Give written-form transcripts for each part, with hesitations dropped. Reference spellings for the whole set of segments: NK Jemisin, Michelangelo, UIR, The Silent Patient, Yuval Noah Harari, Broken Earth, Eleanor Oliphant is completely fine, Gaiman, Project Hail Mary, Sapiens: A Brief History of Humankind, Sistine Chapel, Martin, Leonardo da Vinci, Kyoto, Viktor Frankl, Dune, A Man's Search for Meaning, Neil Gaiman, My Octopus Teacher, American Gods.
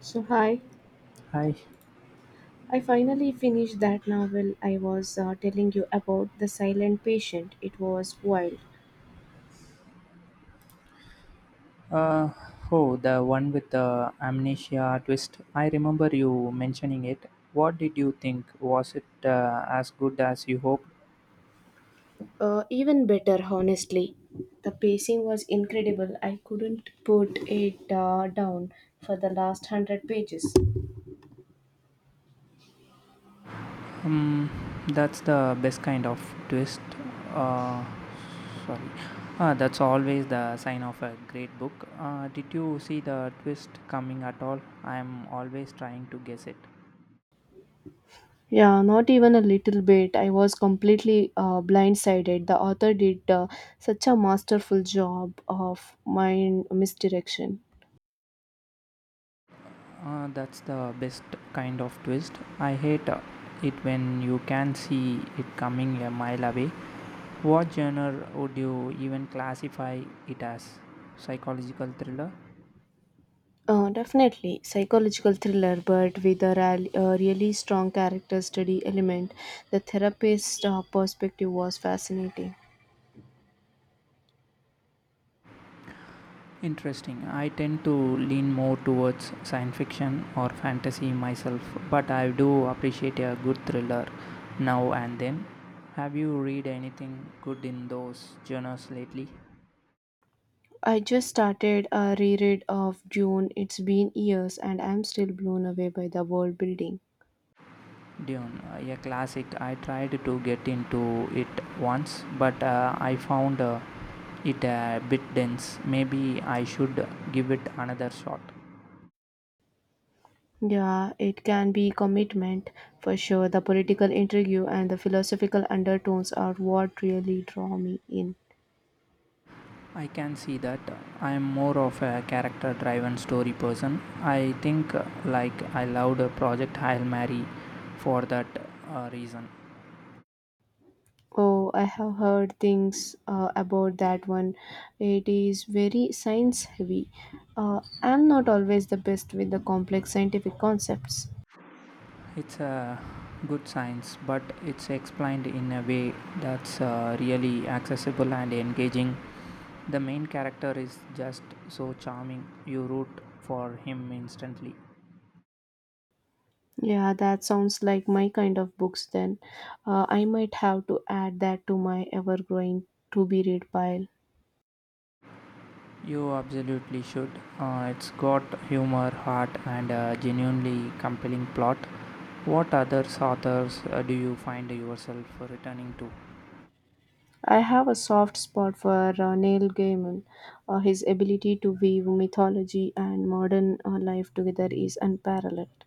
So, hi, Hi. I finally finished that novel I was telling you about, The Silent Patient. It was wild. Uh, oh, the one with the amnesia twist. I remember you mentioning it. What did you think? Was it as good as you hoped? Even better, honestly. The pacing was incredible. I couldn't put it down for the last hundred pages. Um, that's the best kind of twist. Uh, Sorry. That's always the sign of a great book. Did you see the twist coming at all? I'm always trying to guess it. Yeah, not even a little bit. I was completely blindsided. The author did such a masterful job of mind misdirection. That's the best kind of twist. I hate it when you can see it coming a mile away. What genre would you even classify it as? Psychological thriller? Definitely, psychological thriller, but with a real, really strong character study element. The therapist perspective was fascinating. Interesting. I tend to lean more towards science fiction or fantasy myself, but I do appreciate a good thriller now and then. Have you read anything good in those genres lately? I just started a reread of Dune. It's been years, and I'm still blown away by the world building. Dune, a classic. I tried to get into it once, but I found it a bit dense. Maybe I should give it another shot. Yeah, it can be commitment for sure. The political intrigue and the philosophical undertones are what really draw me in. I can see that. I am more of a character driven story person. I think like I loved Project Hail Mary for that reason. Oh, I have heard things about that one. It is very science heavy. I'm not always the best with the complex scientific concepts. It's a good science, but it's explained in a way that's really accessible and engaging. The main character is just so charming, you root for him instantly. Yeah, that sounds like my kind of books then. I might have to add that to my ever growing to be read pile. You absolutely should. It's got humor, heart, and a genuinely compelling plot. What other authors do you find yourself returning to? I have a soft spot for Neil Gaiman. His ability to weave mythology and modern life together is unparalleled.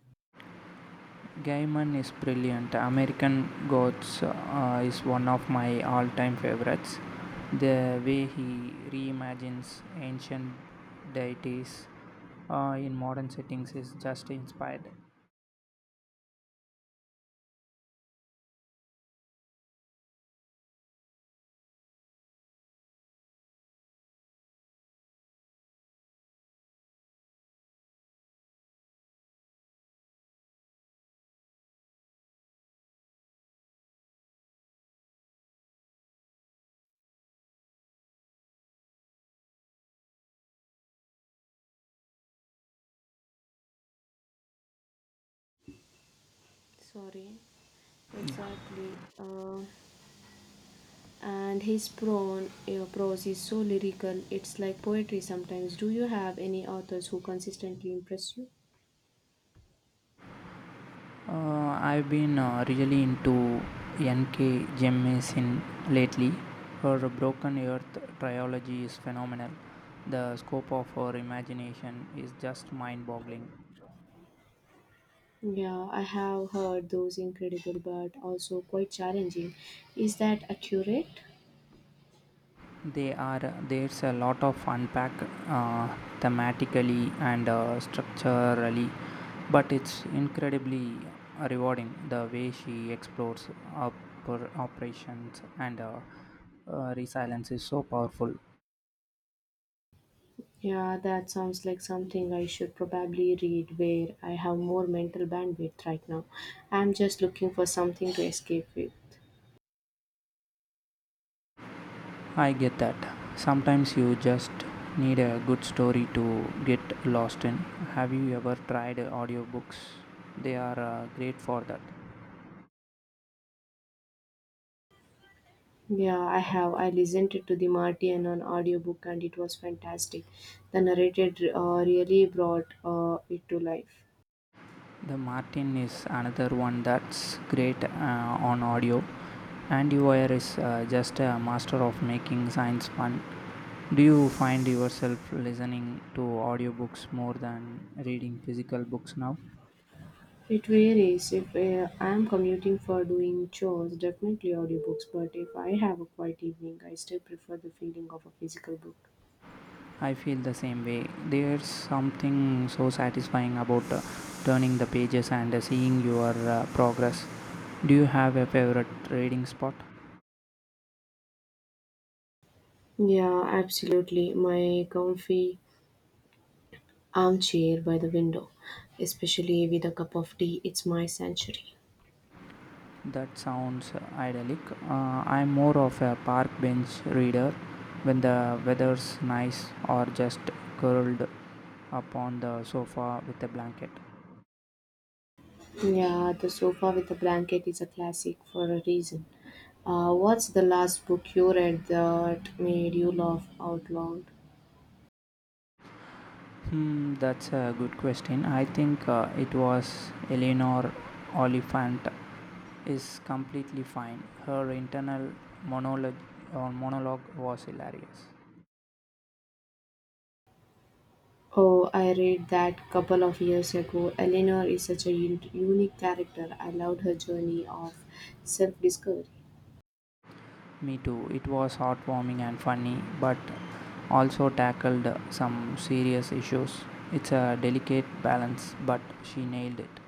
Gaiman is brilliant. American Gods is one of my all time favorites. The way he reimagines ancient deities in modern settings is just inspired. Sorry, exactly. And his prose is so lyrical, it's like poetry sometimes. Do you have any authors who consistently impress you? I've been really into NK Jemisin lately. Her Broken Earth trilogy is phenomenal. The scope of her imagination is just mind-boggling. Yeah, I have heard those incredible, but also quite challenging. Is that accurate? They are, there's a lot of unpack thematically and structurally, but it's incredibly rewarding the way she explores operations and resilience is so powerful. Yeah, that sounds like something I should probably read where I have more mental bandwidth. Right now I'm just looking for something to escape with. I get that. Sometimes you just need a good story to get lost in. Have you ever tried audiobooks? They are great for that. Yeah, I have. I listened to the Marty and an audiobook and it was fantastic. The narrator really brought it to life. The Martin is another one that's great on audio, and UIR is just a master of making science fun. Do you find yourself listening to audiobooks more than reading physical books now? It varies. If I am commuting for doing chores, definitely audiobooks, but if I have a quiet evening, I still prefer the feeling of a physical book. I feel the same way. There's something so satisfying about turning the pages and seeing your progress. Do you have a favorite reading spot? Yeah, absolutely. My comfy armchair by the window, especially with a cup of tea, it's my sanctuary. That sounds idyllic. I'm more of a park bench reader when the weather's nice or just curled up on the sofa with a blanket. Yeah, the sofa with the blanket is a classic for a reason. What's the last book you read that made you laugh out loud? That's a good question. I think it was Eleanor Oliphant is completely fine. Her internal monologue monologue was hilarious. Oh, I read that couple of years ago. Eleanor is such a unique character. I loved her journey of self-discovery. Me too. It was heartwarming and funny, but also tackled some serious issues. It's a delicate balance, but she nailed it.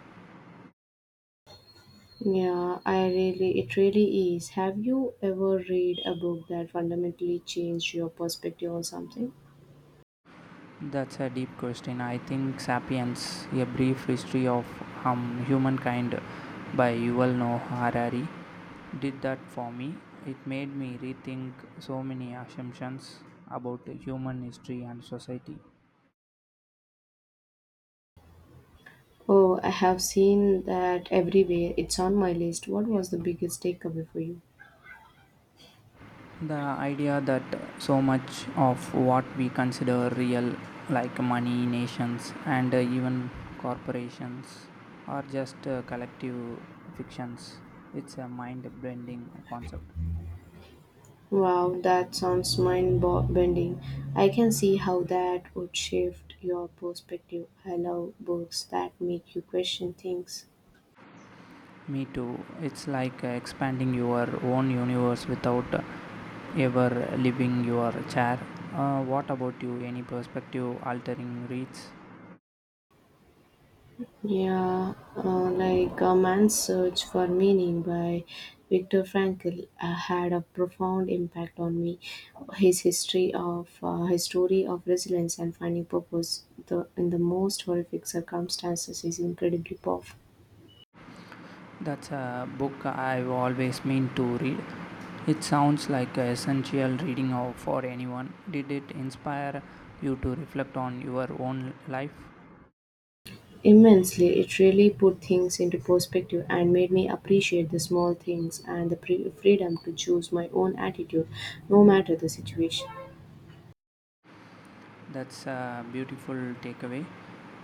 Yeah, I really, it really is. Have you ever read a book that fundamentally changed your perspective on something? That's a deep question. I think *Sapiens: A Brief History of Humankind* by Yuval Noah Harari did that for me. It made me rethink so many assumptions about human history and society. Oh, I have seen that everywhere. It's on my list. What was the biggest takeaway for you? The idea that so much of what we consider real, like money, nations, and even corporations, are just collective fictions. It's a mind bending concept. Wow, that sounds bending. I can see how that would shift your perspective. I love books that make you question things. Me too. It's like expanding your own universe without ever leaving your chair. What about you? Any perspective altering reads? Yeah, like A Man's Search for Meaning by Viktor Frankl had a profound impact on me. His story of resilience and finding purpose, in the most horrific circumstances is incredibly powerful. That's a book I've always meant to read. It sounds like a essential reading for anyone. Did it inspire you to reflect on your own life? Immensely, it really put things into perspective and made me appreciate the small things and the freedom to choose my own attitude, no matter the situation. That's a beautiful takeaway.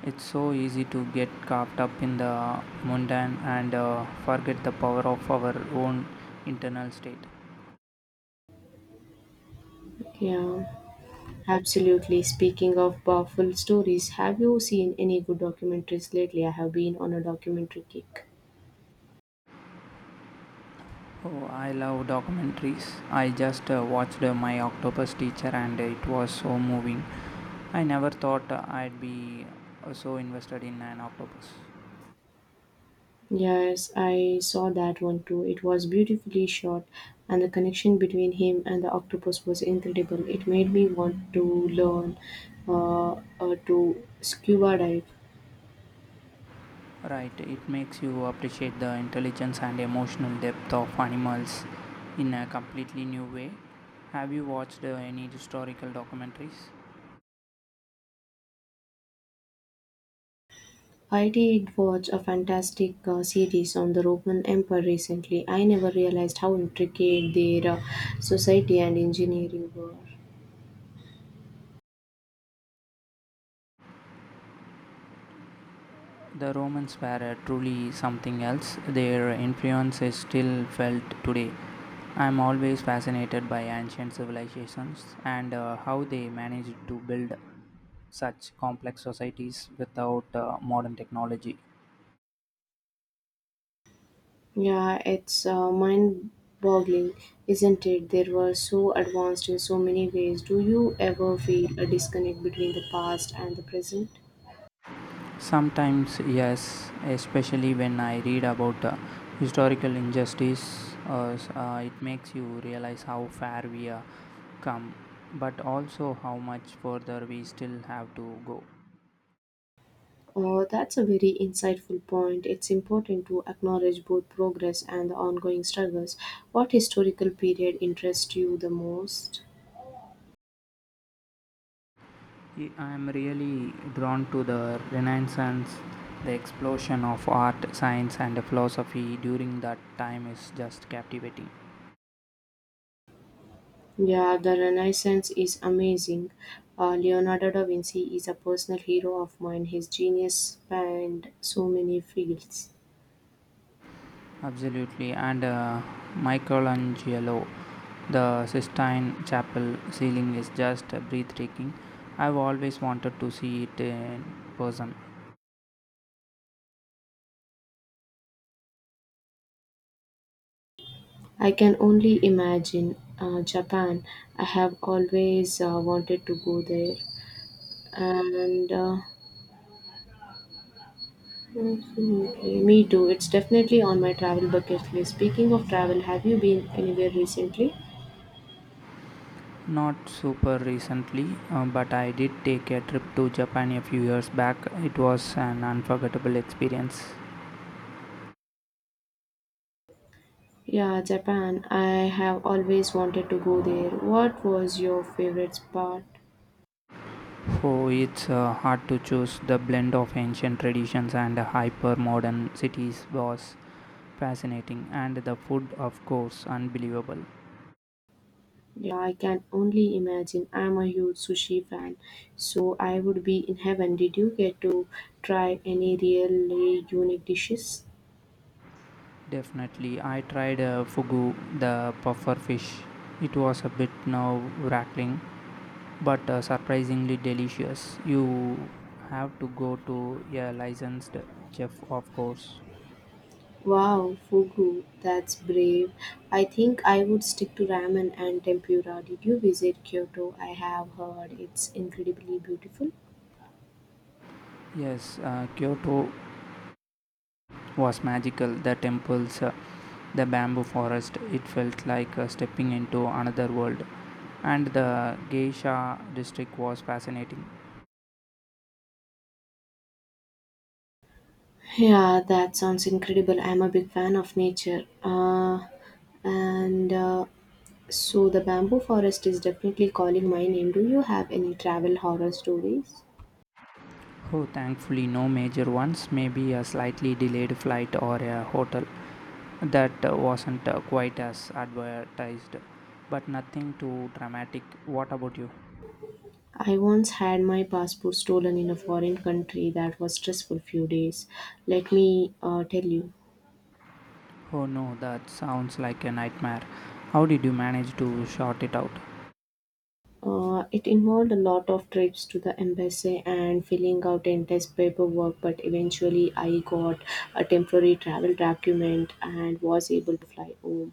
It's so easy to get caught up in the mundane and forget the power of our own internal state. Yeah, absolutely. Speaking of powerful stories, have you seen any good documentaries lately? I have been on a documentary kick. Oh, I love documentaries. I just watched My Octopus Teacher and it was so moving. I never thought I'd be so invested in an octopus. Yes, I saw that one too. It was beautifully shot, and the connection between him and the octopus was incredible. It made me want to learn uh, to scuba dive. Right, it makes you appreciate the intelligence and emotional depth of animals in a completely new way. Have you watched any historical documentaries? I did watch a fantastic series on the Roman Empire recently. I never realized how intricate their society and engineering were. The Romans were truly something else. Their influence is still felt today. I'm always fascinated by ancient civilizations and how they managed to build such complex societies without modern technology. Yeah, it's mind boggling, isn't it? They were so advanced in so many ways. Do you ever feel a disconnect between the past and the present? Sometimes, yes, especially when I read about historical injustice, it makes you realize how far we have come, but also how much further we still have to go. Oh, that's a very insightful point. It's important to acknowledge both progress and the ongoing struggles. What historical period interests you the most? I am really drawn to the Renaissance. The explosion of art, science, and philosophy during that time is just captivating. Yeah, the Renaissance is amazing. Leonardo da Vinci is a personal hero of mine. His genius spanned so many fields. Absolutely, and Michelangelo, the Sistine Chapel ceiling is just breathtaking. I've always wanted to see it in person. I can only imagine Japan. I have always wanted to go there. And definitely, me too. It's definitely on my travel bucket list. Speaking of travel, have you been anywhere recently? Not super recently, but I did take a trip to Japan a few years back. It was an unforgettable experience. Yeah, Japan. I have always wanted to go there. What was your favorite spot? Oh, it's hard to choose. The blend of ancient traditions and hyper modern cities was fascinating, and the food, of course, unbelievable. Yeah, I can only imagine. I'm a huge sushi fan, so I would be in heaven. Did you get to try any really unique dishes? Definitely. I tried fugu, the puffer fish. It was a bit nerve-wracking, but surprisingly delicious. You have to go to a licensed chef, of course. Wow, fugu, that's brave. I think I would stick to ramen and tempura. Did you visit Kyoto? I have heard it's incredibly beautiful. Yes, Kyoto was magical. The temples, the bamboo forest, it felt like stepping into another world. And the geisha district was fascinating. Yeah, that sounds incredible. I'm a big fan of nature. And So the bamboo forest is definitely calling my name. Do you have any travel horror stories? Oh, thankfully, no major ones, maybe a slightly delayed flight or a hotel. That wasn't quite as advertised, but nothing too dramatic. What about you? I once had my passport stolen in a foreign country. That was stressful few days. Let me tell you. Oh no, that sounds like a nightmare. How did you manage to sort it out? It involved a lot of trips to the embassy and filling out endless paperwork, but eventually I got a temporary travel document and was able to fly home.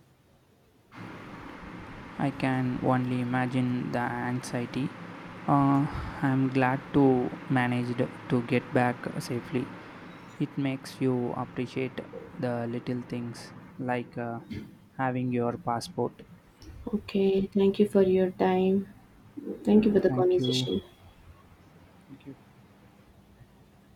I can only imagine the anxiety. Uh, I'm glad to managed to get back safely. It makes you appreciate the little things like having your passport. Okay, thank you for your time. Thank you for the Thank you. conversation. Thank you.